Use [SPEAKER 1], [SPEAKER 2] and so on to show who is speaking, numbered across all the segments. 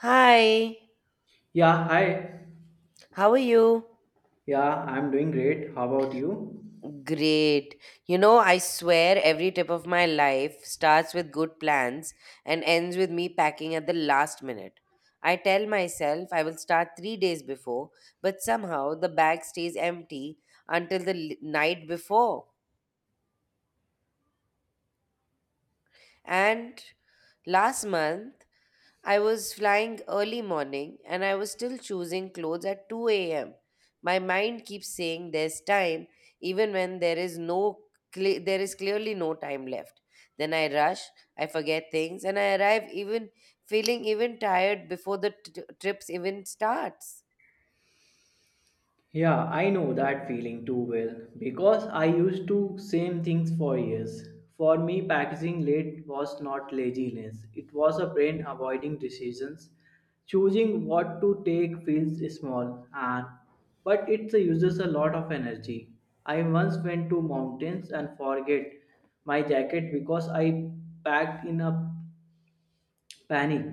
[SPEAKER 1] Hi,
[SPEAKER 2] Yeah, hi.
[SPEAKER 1] how are you?
[SPEAKER 2] Yeah, I'm doing great. How about you?
[SPEAKER 1] Great. You know, I swear every trip of my life starts with good plans and ends with me packing at the last minute. I tell myself I will start 3 days before, but somehow the bag stays empty until the night before. And last month, I was flying early morning and I was still choosing clothes at 2 a.m. My mind keeps saying there's time even when there is clearly no time left. Then I rush, I forget things and I arrive even feeling even tired before the trips even starts.
[SPEAKER 2] Yeah, I know that feeling too well because I used to same things for years. For me, packaging late was not laziness. It was a brain avoiding decisions. Choosing what to take feels small and but it uses a lot of energy. I once went to mountains and forget my jacket because I packed in a panic.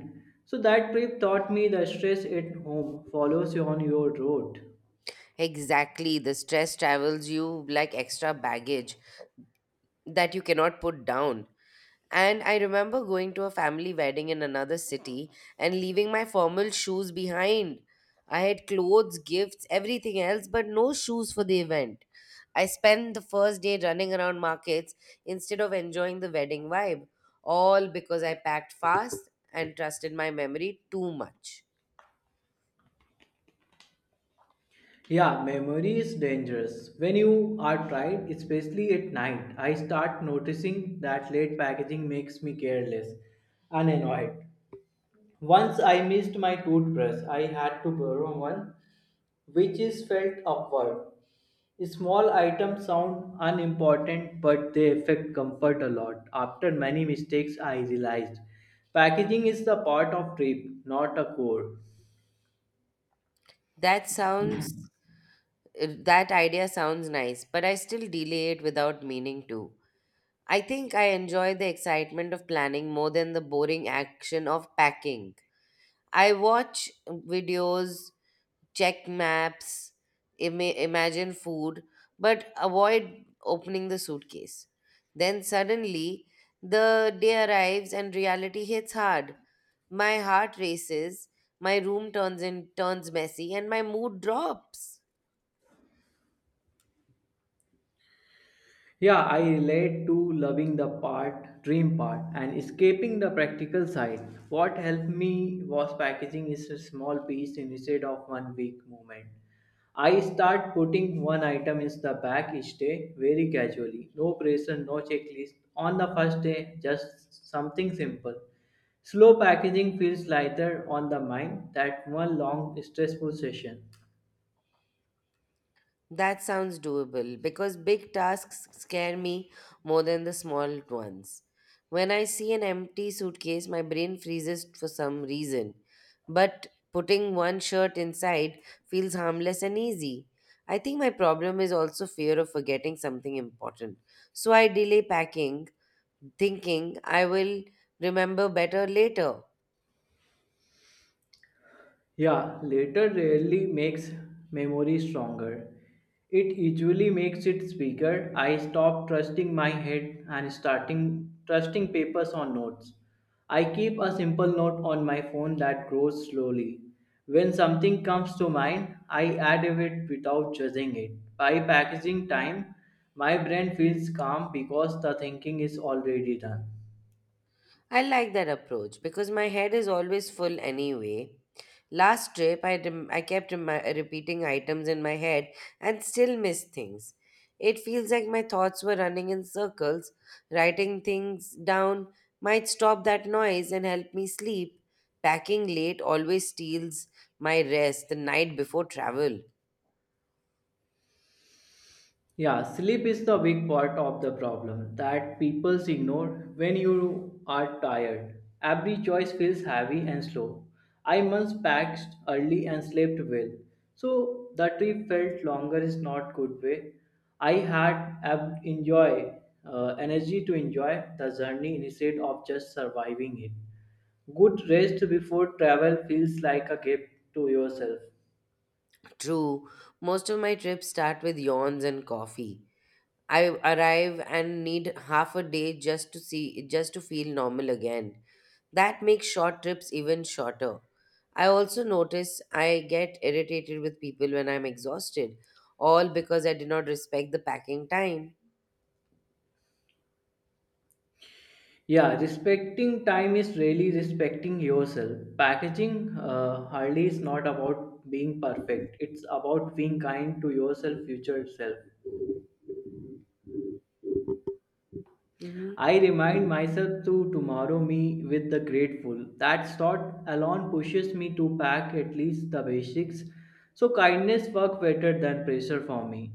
[SPEAKER 2] So that trip taught me the stress at home follows you on your road.
[SPEAKER 1] Exactly, the stress travels you like extra baggage that you cannot put down. And I remember going to a family wedding in another city and leaving my formal shoes behind. I had clothes, gifts, everything else, but no shoes for the event. I spent the first day running around markets instead of enjoying the wedding vibe, all because I packed fast and trusted my memory too much.
[SPEAKER 2] Yeah, memory is dangerous. When you are tired, especially at night, I start noticing that late packaging makes me careless and annoyed. Once I missed my toothbrush, I had to borrow one, which is felt awkward. Small items sound unimportant, but they affect comfort a lot. After many mistakes, I realized packaging is the part of trip, not a core.
[SPEAKER 1] That sounds, that idea sounds nice, but I still delay it without meaning to. I think I enjoy the excitement of planning more than the boring action of packing. I watch videos, check maps, imagine food, but avoid opening the suitcase. Then suddenly, the day arrives and reality hits hard. My heart races, my room turns messy, and my mood drops.
[SPEAKER 2] Yeah, I relate to loving the part, dream part, and escaping the practical side. What helped me was packaging is a small piece instead of one big movement. I start putting one item in the bag each day very casually. No pressure, no checklist. On the first day, just something simple. Slow packaging feels lighter on the mind that one long stressful session.
[SPEAKER 1] That sounds doable because big tasks scare me more than the small ones. When I see an empty suitcase, my brain freezes for some reason. But putting one shirt inside feels harmless and easy. I think my problem is also fear of forgetting something important. So I delay packing, thinking I will remember better later.
[SPEAKER 2] Yeah, later rarely makes memory stronger. It usually makes it weaker. I stopped trusting my head and starting trusting papers or notes. I keep a simple note on my phone that grows slowly. When something comes to mind, I add it without judging it. By packaging time, my brain feels calm because the thinking is already done.
[SPEAKER 1] I like that approach because my head is always full anyway. Last trip, I kept repeating items in my head and still missed things. It feels like my thoughts were running in circles. Writing things down might stop that noise and help me sleep. Packing late always steals my rest the night before travel.
[SPEAKER 2] Yeah, sleep is the big part of the problem that people ignore when you are tired. Every choice feels heavy and slow. I once packed early and slept well, so the trip felt longer is not good way. I had ab- enjoy energy to enjoy the journey instead of just surviving it. Good rest before travel feels like a gift to yourself.
[SPEAKER 1] True, most of my trips start with yawns and coffee. I arrive and need half a day just to feel normal again. That makes short trips even shorter. I also notice I get irritated with people when I'm exhausted, all because I did not respect the packing time.
[SPEAKER 2] Yeah, respecting time is really respecting yourself. Packaging hardly is not about being perfect. It's about being kind to yourself, future self.
[SPEAKER 1] Hmm.
[SPEAKER 2] I remind myself to tomorrow me with the grateful. That thought alone pushes me to pack at least the basics. So kindness work better than pressure for me.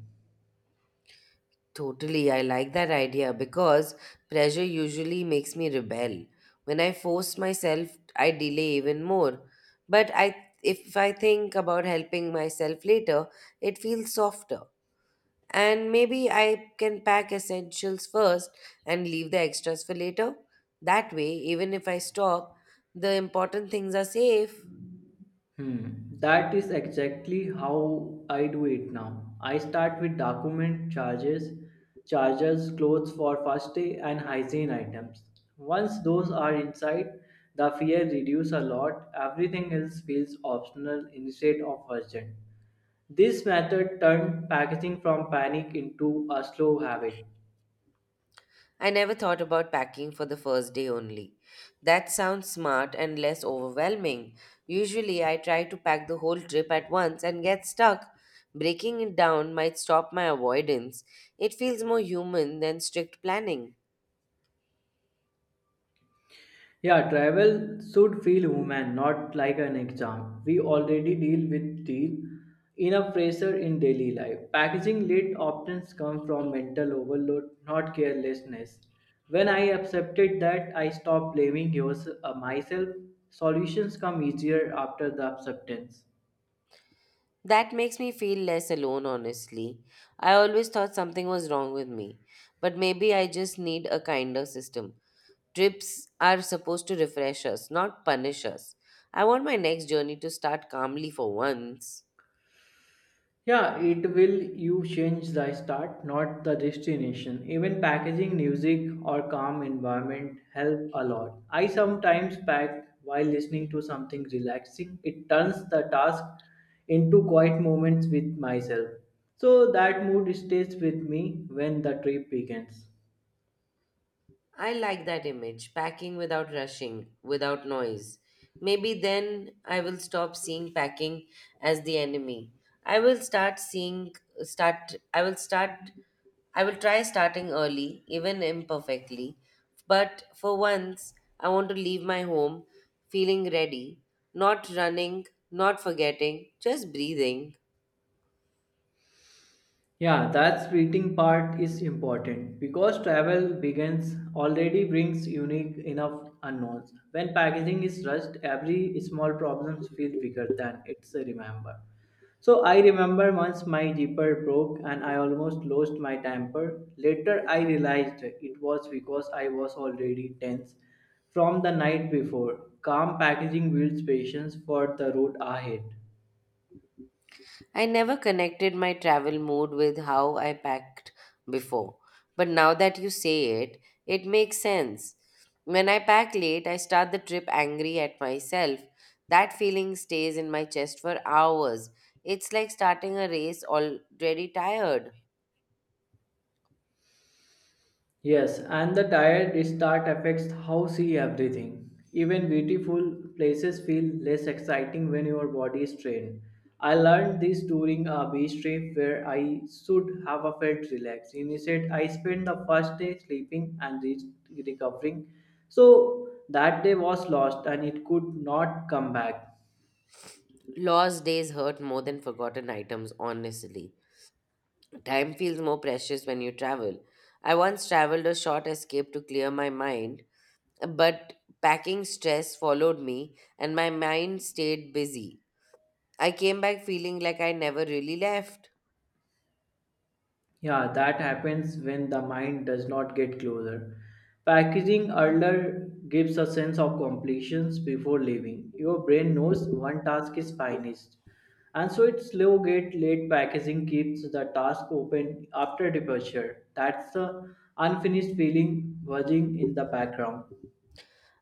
[SPEAKER 1] Totally, I like that idea because pressure usually makes me rebel. When I force myself, I delay even more. But I If I think about helping myself later, it feels softer. And maybe I can pack essentials first and leave the extras for later. That way, even if I stop, the important things are safe.
[SPEAKER 2] Hmm. That is exactly how I do it now. I start with document charges, chargers, clothes for first day, and hygiene items. Once those are inside, the fear reduces a lot. Everything else feels optional instead of urgent. This method turned packaging from panic into a slow habit.
[SPEAKER 1] I never thought about packing for the first day only. That sounds smart and less overwhelming. Usually, I try to pack the whole trip at once and get stuck. Breaking it down might stop my avoidance. It feels more human than strict planning.
[SPEAKER 2] Yeah, travel should feel human, not like an exam. We already deal with deal enough pressure in daily life. Packaging late often come from mental overload, not carelessness. When I accepted that, I stopped blaming myself. Solutions come easier after the acceptance.
[SPEAKER 1] That makes me feel less alone, honestly. I always thought something was wrong with me, but maybe I just need a kinder system. Trips are supposed to refresh us, not punish us. I want my next journey to start calmly for once.
[SPEAKER 2] Yeah, it will you change the start, not the destination. Even packaging, music, or calm environment help a lot. I sometimes pack while listening to something relaxing. It turns the task into quiet moments with myself. So that mood stays with me when the trip begins.
[SPEAKER 1] I like that image, packing without rushing, without noise. Maybe then I will stop seeing packing as the enemy. I will start seeing start I will try starting early, even imperfectly. But for once, I want to leave my home feeling ready, not running, not forgetting, just breathing.
[SPEAKER 2] Yeah, that waiting part is important because travel begins already brings unique enough unknowns. When packaging is rushed, every small problems feel bigger than it's a remember. So I remember once my zipper broke and I almost lost my temper. Later I realized it was because I was already tense from the night before. Calm packaging builds patience for the road ahead.
[SPEAKER 1] I never connected my travel mood with how I packed before, but now that you say it, it makes sense. When I pack late, I start the trip angry at myself. That feeling stays in my chest for hours. It's like starting a race already tired.
[SPEAKER 2] Yes, and the tired start affects how see everything. Even beautiful places feel less exciting when your body is trained. I learned this during a beach trip where I should have a felt relaxed. Instead, I spent the first day sleeping and recovering. So that day was lost and it could not come back.
[SPEAKER 1] Lost days hurt more than forgotten items, honestly. Time feels more precious when you travel. I once traveled a short escape to clear my mind, but packing stress followed me, and my mind stayed busy. I came back feeling like I never really left.
[SPEAKER 2] Yeah, that happens when the mind does not get closer. Packaging earlier gives a sense of completion before leaving. Your brain knows one task is finished. And so its slow get late packaging keeps the task open after departure. That's the unfinished feeling buzzing in the background.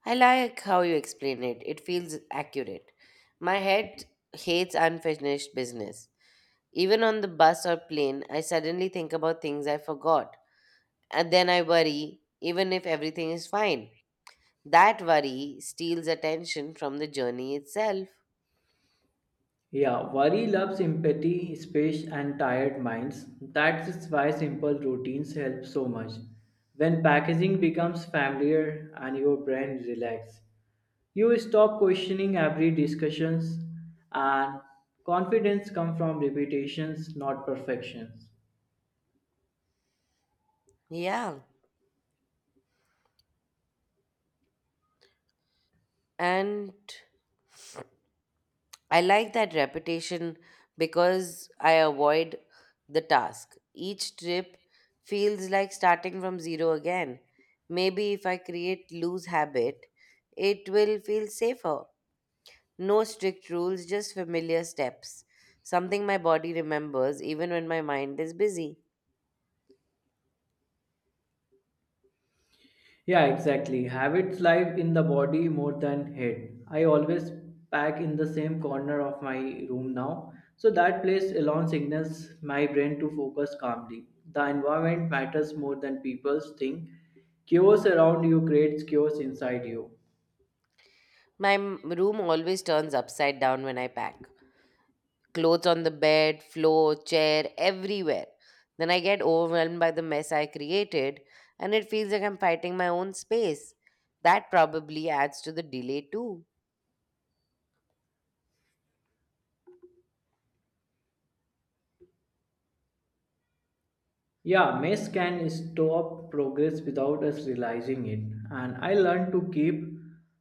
[SPEAKER 1] I like how you explain it, it feels accurate. My head hates unfinished business. Even on the bus or plane, I suddenly think about things I forgot. And then I worry, even if everything is fine. That worry steals attention from the journey itself.
[SPEAKER 2] Yeah, worry loves empathy, space, and tired minds. That's why simple routines help so much. When packaging becomes familiar and your brain relaxes, you stop questioning every discussions, and confidence comes from repetitions, not perfections.
[SPEAKER 1] Yeah. And I like that repetition because I avoid the task. Each trip feels like starting from zero again. Maybe if I create loose habit, it will feel safer. No strict rules, just familiar steps. Something my body remembers even when my mind is busy.
[SPEAKER 2] Yeah, exactly. Habits live in the body more than head. I always pack in the same corner of my room now, so that place alone signals my brain to focus calmly. The environment matters more than people think. Chaos around you creates chaos inside you.
[SPEAKER 1] My room always turns upside down when I pack. Clothes on the bed, floor, chair, everywhere. Then I get overwhelmed by the mess I created, and it feels like I'm fighting my own space. That probably adds to the delay too.
[SPEAKER 2] Yeah, mess can stop progress without us realizing it, and I learned to keep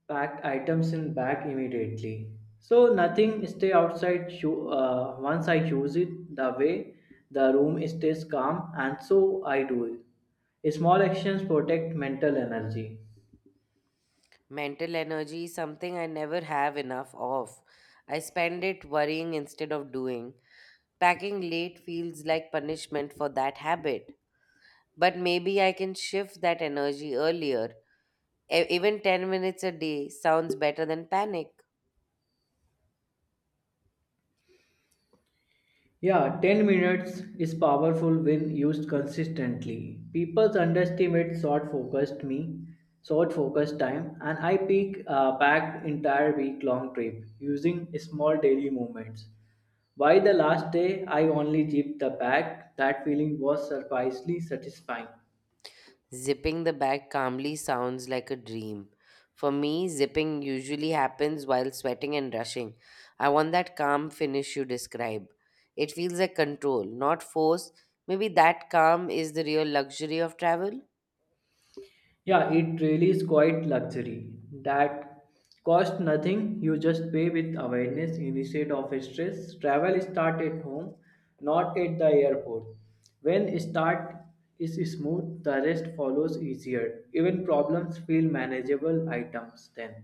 [SPEAKER 2] packed items in bag immediately. So nothing stay outside once I use it the way the room stays calm and so I do it. Small actions protect mental energy.
[SPEAKER 1] Mental energy is something I never have enough of. I spend it worrying instead of doing. Packing late feels like punishment for that habit. But maybe I can shift that energy earlier. Even 10 minutes a day sounds better than panic.
[SPEAKER 2] Yeah, 10 minutes is powerful when used consistently. People underestimate short focused time, and I peak packed entire week long trip using small daily movements. By the last day, I only zipped the bag. That feeling was surprisingly satisfying.
[SPEAKER 1] Zipping the bag calmly sounds like a dream. For me, zipping usually happens while sweating and rushing. I want that calm finish you describe. It feels like control, not force. Maybe that calm is the real luxury of travel.
[SPEAKER 2] Yeah, it really is quite luxury that cost nothing. You just pay with awareness instead of stress. Travel start at home, not at the airport. When start is smooth, the rest follows easier. Even problems feel manageable items then.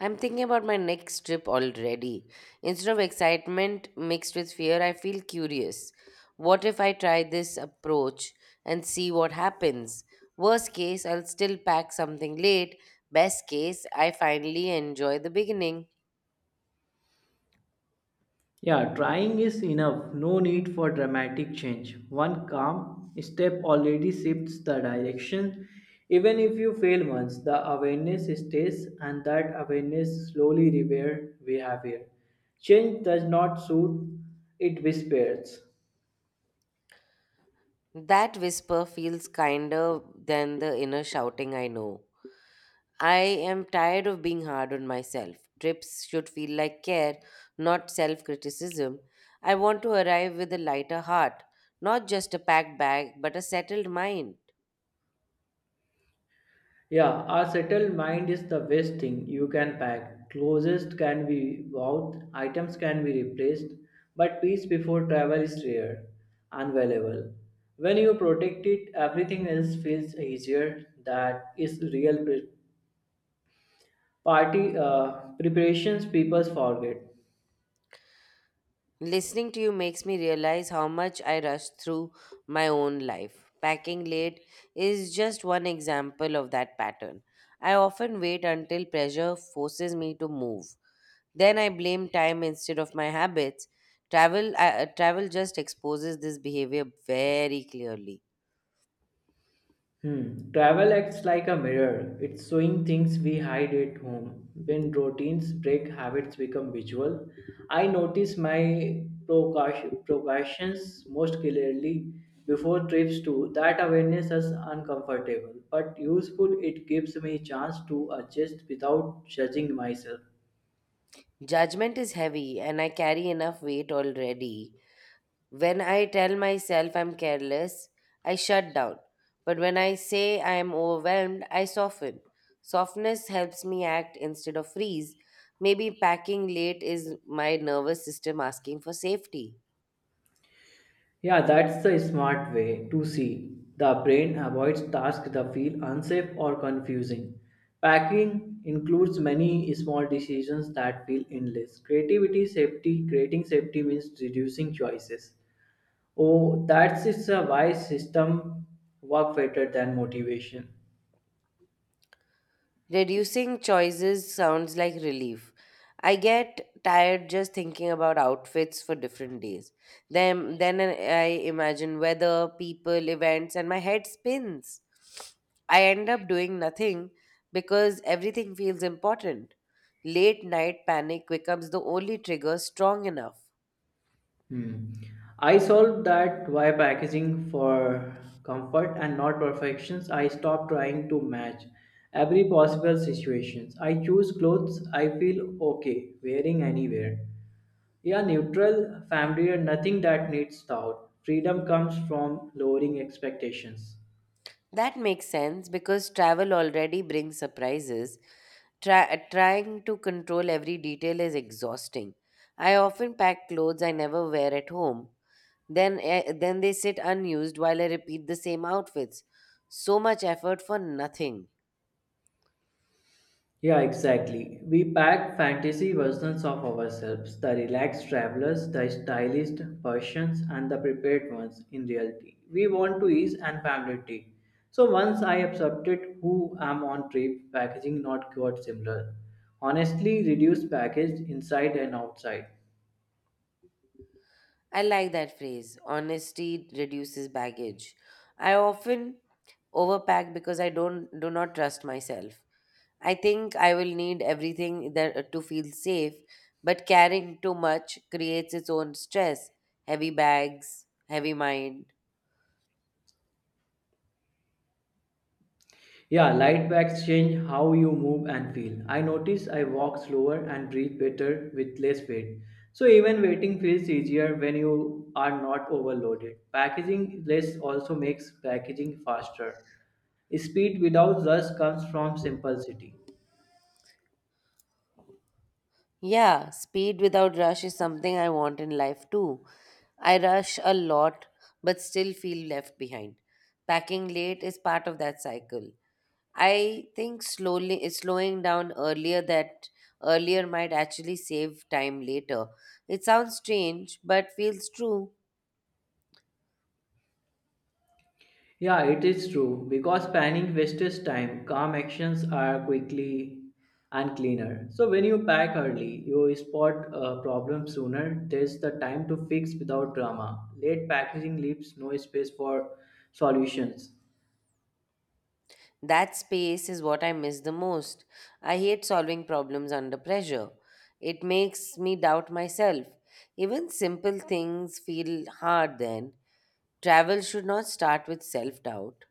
[SPEAKER 1] I'm thinking about my next trip already. Instead of excitement mixed with fear, I feel curious. What if I try this approach and see what happens? Worst case, I'll still pack something late. Best case, I finally enjoy the beginning.
[SPEAKER 2] Yeah, trying is enough. No need for dramatic change. One calm step already shifts the direction. Even if you fail once, the awareness stays, and that awareness slowly repair behavior. Change does not suit, it whispers.
[SPEAKER 1] That whisper feels kinder than the inner shouting I know. I am tired of being hard on myself. Trips should feel like care, not self criticism. I want to arrive with a lighter heart, not just a packed bag, but a settled mind.
[SPEAKER 2] Yeah, a settled mind is the best thing you can pack. Closest can be bought, items can be replaced, but peace before travel is rare and valuable. When you protect it, everything else feels easier. That is real pre- party preparations people forget.
[SPEAKER 1] Listening to you makes me realize how much I rush through my own life. Packing late is just one example of that pattern. I often wait until pressure forces me to move. Then I blame time instead of my habits. Travel just exposes this behavior very clearly.
[SPEAKER 2] Hmm. Travel acts like a mirror. It's showing things we hide at home. When routines break, habits become visual. I notice my procrastinations most clearly before trips too. That awareness is uncomfortable, but useful. It gives me a chance to adjust without judging myself.
[SPEAKER 1] Judgment is heavy, and I carry enough weight already. When I tell myself I'm careless, I shut down. But when I say I am overwhelmed, I soften. Softness helps me act instead of freeze. Maybe packing late is my nervous system asking for safety.
[SPEAKER 2] Yeah, that's the smart way to see. The brain avoids tasks that feel unsafe or confusing. Packing includes many small decisions that feel endless. Creativity, safety, creating safety means reducing choices. Oh, that's it's a wise system work better than motivation.
[SPEAKER 1] Reducing choices sounds like relief. I get tired just thinking about outfits for different days. Then I imagine weather, people, events, and my head spins. I end up doing nothing because everything feels important. Late night panic becomes the only trigger strong enough.
[SPEAKER 2] Hmm. I solved that via packaging for comfort and not perfections. I stopped trying to match every possible situations. I choose clothes I feel okay wearing anywhere. Yeah, neutral, familiar, nothing that needs thought. Freedom comes from lowering expectations.
[SPEAKER 1] That makes sense because travel already brings surprises. Trying to control every detail is exhausting. I often pack clothes I never wear at home. Then they sit unused while I repeat the same outfits. So much effort for nothing.
[SPEAKER 2] Yeah, exactly. We pack fantasy versions of ourselves, the relaxed travelers, the stylized versions, and the prepared ones in reality. We want to ease and familiarity. So once I accepted who am on trip, packaging not quite similar. Honestly, reduced package inside and outside.
[SPEAKER 1] I like that phrase. Honesty reduces baggage. I often overpack because I don't do not trust myself. I think I will need everything that to feel safe, but carrying too much creates its own stress. Heavy bags, heavy mind.
[SPEAKER 2] Yeah, light bags change how you move and feel. I notice I walk slower and breathe better with less weight. So even waiting feels easier when you are not overloaded. Packaging less also makes packaging faster. Speed without rush comes from simplicity.
[SPEAKER 1] Yeah, speed without rush is something I want in life too. I rush a lot but still feel left behind. Packing late is part of that cycle. I think slowly slowing down earlier that earlier might actually save time later. It sounds strange but feels true.
[SPEAKER 2] Yeah, it is true. Because planning wastes time, calm actions are quickly and cleaner. So when you pack early, you spot a problem sooner. There's the time to fix without drama. Late packaging leaves no space for solutions.
[SPEAKER 1] That space is what I miss the most. I hate solving problems under pressure. It makes me doubt myself. Even simple things feel hard then. Travel should not start with self doubt.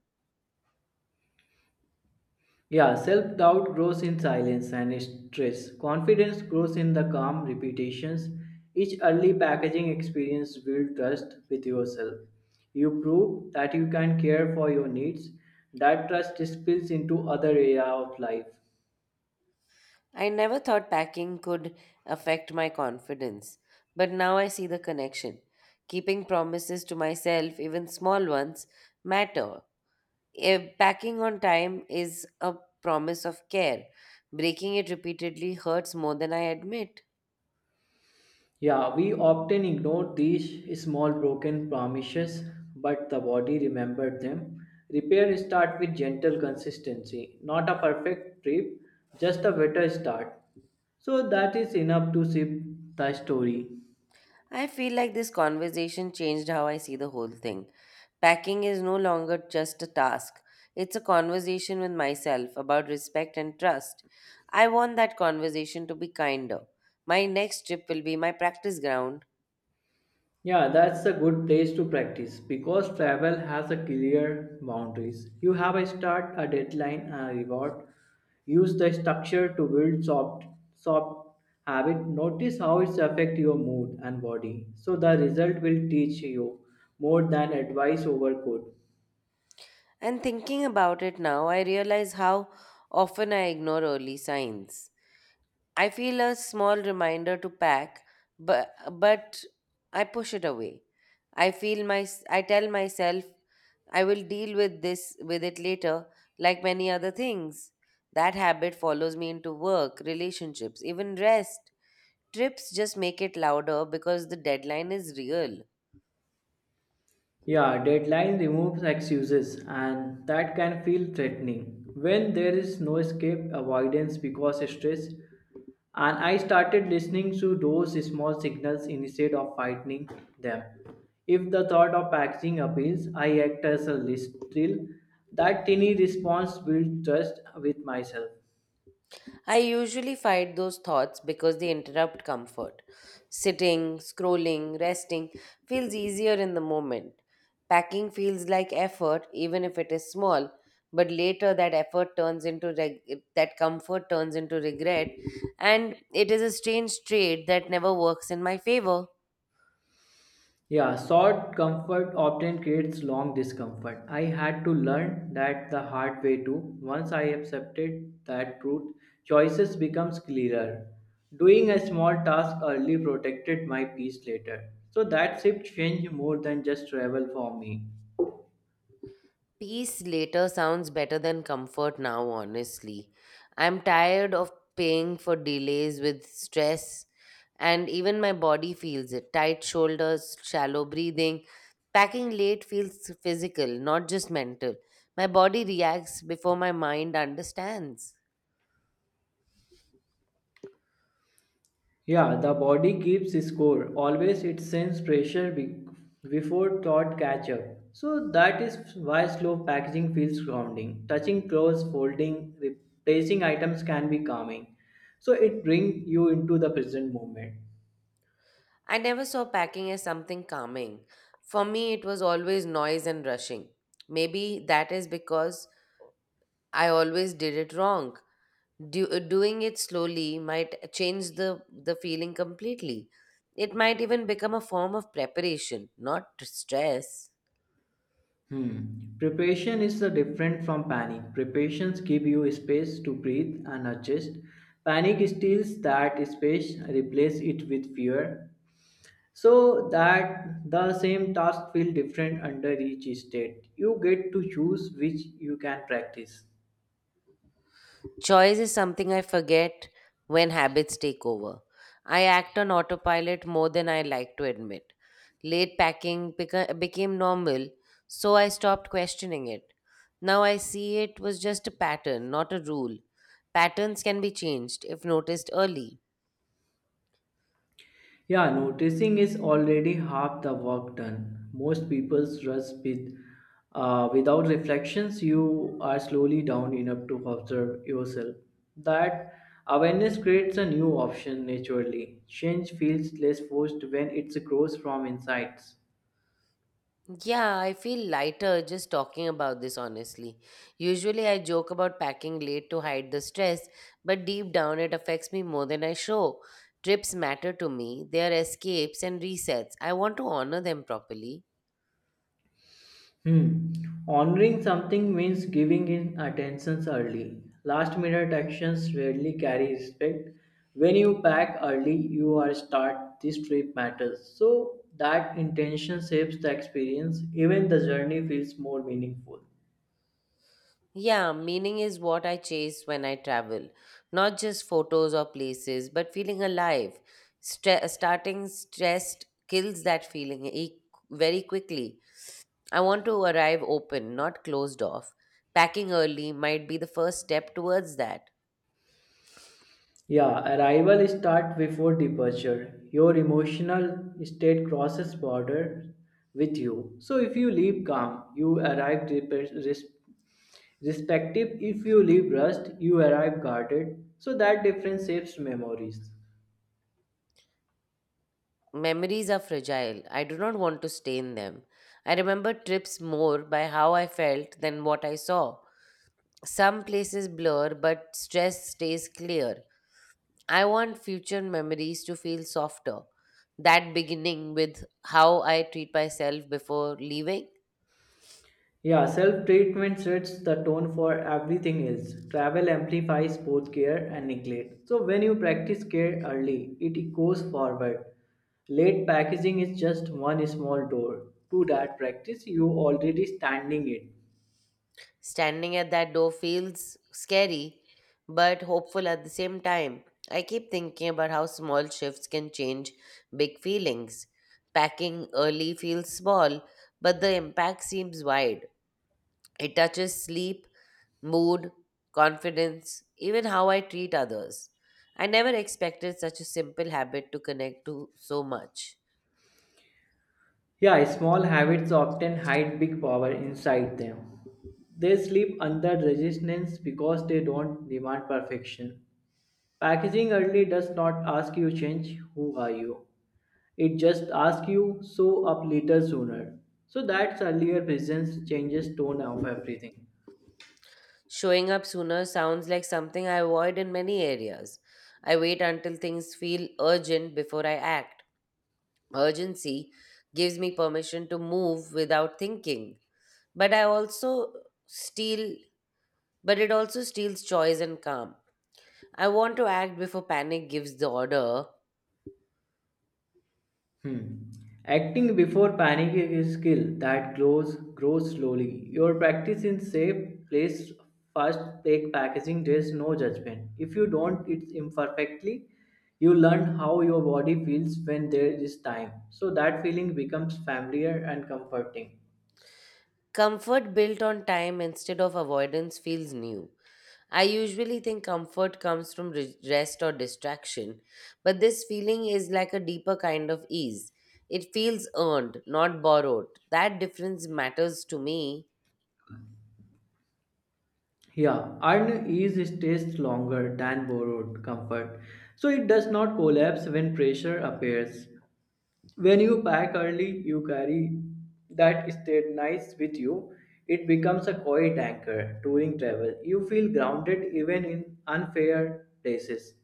[SPEAKER 2] Yeah, self doubt grows in silence and stress. Confidence grows in the calm repetitions. Each early packaging experience builds trust with yourself. You prove that you can care for your needs. That trust spills into other area of life.
[SPEAKER 1] I never thought packing could affect my confidence, but now I see the connection. Keeping promises to myself, even small ones, matter. If packing on time is a promise of care. Breaking it repeatedly hurts more than I admit.
[SPEAKER 2] Yeah, we often ignore these small broken promises, but the body remembered them. Repair start with gentle consistency, not a perfect trip, just a better start. So that is enough to shift the story.
[SPEAKER 1] I feel like this conversation changed how I see the whole thing. Packing is no longer just a task, it's a conversation with myself about respect and trust. I want that conversation to be kinder. My next trip will be my practice ground.
[SPEAKER 2] Yeah, that's a good place to practice because travel has a clear boundaries. You have a start, a deadline, and a reward. Use the structure to build soft habit. Notice how it's affect your mood and body. So the result will teach you more than advice over code.
[SPEAKER 1] And thinking about it now, I realize how often I ignore early signs. I feel a small reminder to pack, but I push it away. I feel my I tell myself I will deal with this with it later, like many other things. That habit follows me into work, relationships, even rest. Trips just make it louder because the deadline is real.
[SPEAKER 2] Yeah, deadline removes excuses, and that can feel threatening. When there is no escape, avoidance because stress, and I started listening to those small signals instead of fighting them. If the thought of packaging appeals, I act as a list drill. That tiny response builds trust with myself.
[SPEAKER 1] I usually fight those thoughts because they interrupt comfort. Sitting, scrolling, resting feels easier in the moment. Packing feels like effort, even if it is small, but later that effort turns into regret, and it is a strange trade that never works in my favor.
[SPEAKER 2] Yeah, short comfort often creates long discomfort. I had to learn that the hard way too. Once I accepted that truth, choices becomes clearer. Doing a small task early protected my peace later. So that shift changed more than just travel for me.
[SPEAKER 1] Peace later sounds better than comfort now, honestly. I'm tired of paying for delays with stress, and even my body feels it. Tight shoulders, shallow breathing. Packing late feels physical, not just mental. My body reacts before my mind understands.
[SPEAKER 2] Yeah, the body keeps score. Always it sends pressure before thought catch up. So that is why slow packaging feels grounding. Touching clothes, folding, replacing items can be calming. So it brings you into the present moment.
[SPEAKER 1] I never saw packing as something calming. For me, it was always noise and rushing. Maybe that is because I always did it wrong. Doing it slowly might change the feeling completely. It might even become a form of preparation, not stress.
[SPEAKER 2] Hmm. Preparation is the different from panic. Preparations give you space to breathe and adjust. Panic steals that space, replace it with fear. So that the same task feel different under each state. You get to choose which you can practice.
[SPEAKER 1] Choice is something I forget when habits take over. I act on autopilot more than I like to admit. Late became normal, so I stopped questioning it. Now I see it was just a pattern, not a rule. Patterns can be changed if noticed early.
[SPEAKER 2] Yeah, noticing is already half the work done. Most people's rush with without reflections. You are slowly down enough to observe yourself. That awareness creates a new option naturally. Change feels less forced when it grows from insights.
[SPEAKER 1] Yeah, I feel lighter just talking about this honestly. Usually I joke about packing late to hide the stress, but deep down it affects me more than I show. Trips matter to me, they are escapes and resets. I want to honor them properly.
[SPEAKER 2] Hmm. Honoring something means giving in attentions early. Last minute actions rarely carry respect. When you pack early, you are start this trip matters. So that intention shapes the experience. Even the journey feels more meaningful.
[SPEAKER 1] Yeah, meaning is what I chase when I travel. Not just photos or places, but feeling alive. Starting stressed kills that very quickly. I want to arrive open, not closed off. Packing early might be the first step towards that.
[SPEAKER 2] Yeah, arrival start before departure. Your emotional state crosses border with you. So if you leave calm, you arrive respective. If you leave rust, you arrive guarded. So that difference shapes memories.
[SPEAKER 1] Memories are fragile. I do not want to stain them. I remember trips more by how I felt than what I saw. Some places blur, but stress stays clear. I want future memories to feel softer. That beginning with how I treat myself before leaving.
[SPEAKER 2] Yeah, self treatment sets the tone for everything else. Travel amplifies both care and neglect. So, when you practice care early, it goes forward. Late packaging is just one small door to that practice you already standing it.
[SPEAKER 1] Standing at that door feels scary, but hopeful at the same time. I keep thinking about how small shifts can change big feelings. Packing early feels small, but the impact seems wide. It touches sleep, mood, confidence, even how I treat others. I never expected such a simple habit to connect to so much.
[SPEAKER 2] Yeah, small habits often hide big power inside them. They sleep under resistance because they don't demand perfection. Packaging early does not ask you change who are you. It just asks you, show up later sooner. So that's earlier presence changes tone of everything.
[SPEAKER 1] Showing up sooner sounds like something I avoid in many areas. I wait until things feel urgent before I act. Urgency gives me permission to move without thinking, but I also steal but it also steals choice and calm. I want to act before panic gives the order.
[SPEAKER 2] Hmm. Acting before panic is a skill that grows slowly. Your practice in safe place first take packaging there is no judgment. If you don't it's imperfectly, you learn how your body feels when there is time. So that feeling becomes familiar and comforting.
[SPEAKER 1] Comfort built on time instead of avoidance feels new. I usually think comfort comes from rest or distraction, but this feeling is like a deeper kind of ease. It feels earned, not borrowed. That difference matters to me.
[SPEAKER 2] Yeah, iron is stays longer than borrowed comfort, so it does not collapse when pressure appears. When you pack early, you carry that state nice with you. It becomes a quiet anchor during travel. You feel grounded even in unfair places.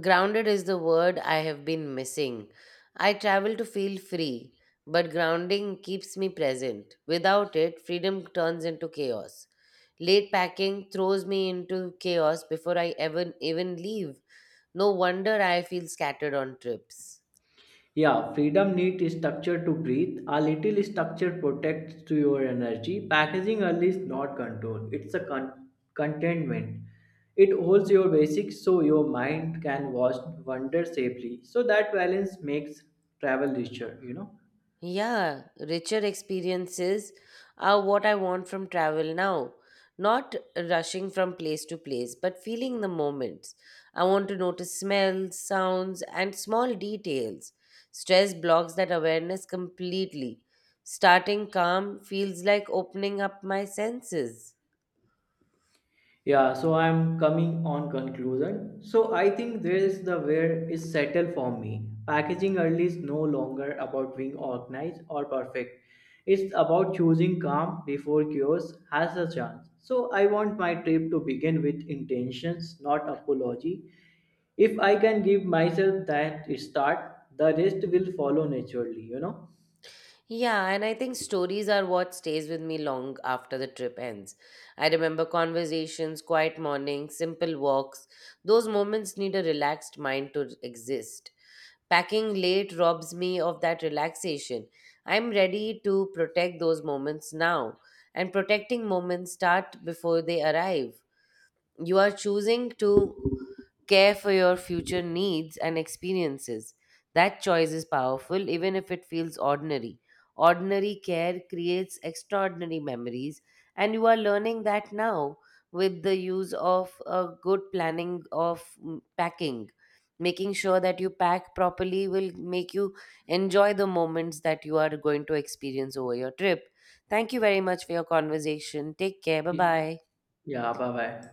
[SPEAKER 1] Grounded is the word I have been missing. I travel to feel free, but grounding keeps me present. Without it, freedom turns into chaos. Late packing throws me into chaos before I ever even leave. No wonder I feel scattered on trips.
[SPEAKER 2] Yeah, freedom needs structure to breathe. A little structure protects to your energy. Packaging early is not control. It's a contentment. It holds your basics so your mind can watch wonder safely. So that balance makes travel richer.
[SPEAKER 1] Yeah, richer experiences are what I want from travel now. Not rushing from place to place, but feeling the moments. I want to notice smells, sounds, and small details. Stress blocks that awareness completely. Starting calm feels like opening up my senses.
[SPEAKER 2] Yeah, so I'm coming on conclusion. So I think there is the where is settled for me. Packaging early is no longer about being organized or perfect. It's about choosing calm before chaos has a chance. So I want my trip to begin with intentions, not apology. If I can give myself that start, the rest will follow naturally, you know?
[SPEAKER 1] Yeah, and I think stories are what stays with me long after the trip ends. I remember conversations, quiet mornings, simple walks. Those moments need a relaxed mind to exist. Packing late robs me of that relaxation. I'm ready to protect those moments now, and protecting moments start before they arrive. You are choosing to care for your future needs and experiences. That choice is powerful, even if it feels ordinary. Ordinary care creates extraordinary memories, and you are learning that now with the use of a good planning of packing. Making sure that you pack properly will make you enjoy the moments that you are going to experience over your trip. Thank you very much for your conversation. Take care. Bye
[SPEAKER 2] Y-
[SPEAKER 1] bye.
[SPEAKER 2] Yeah, bye bye.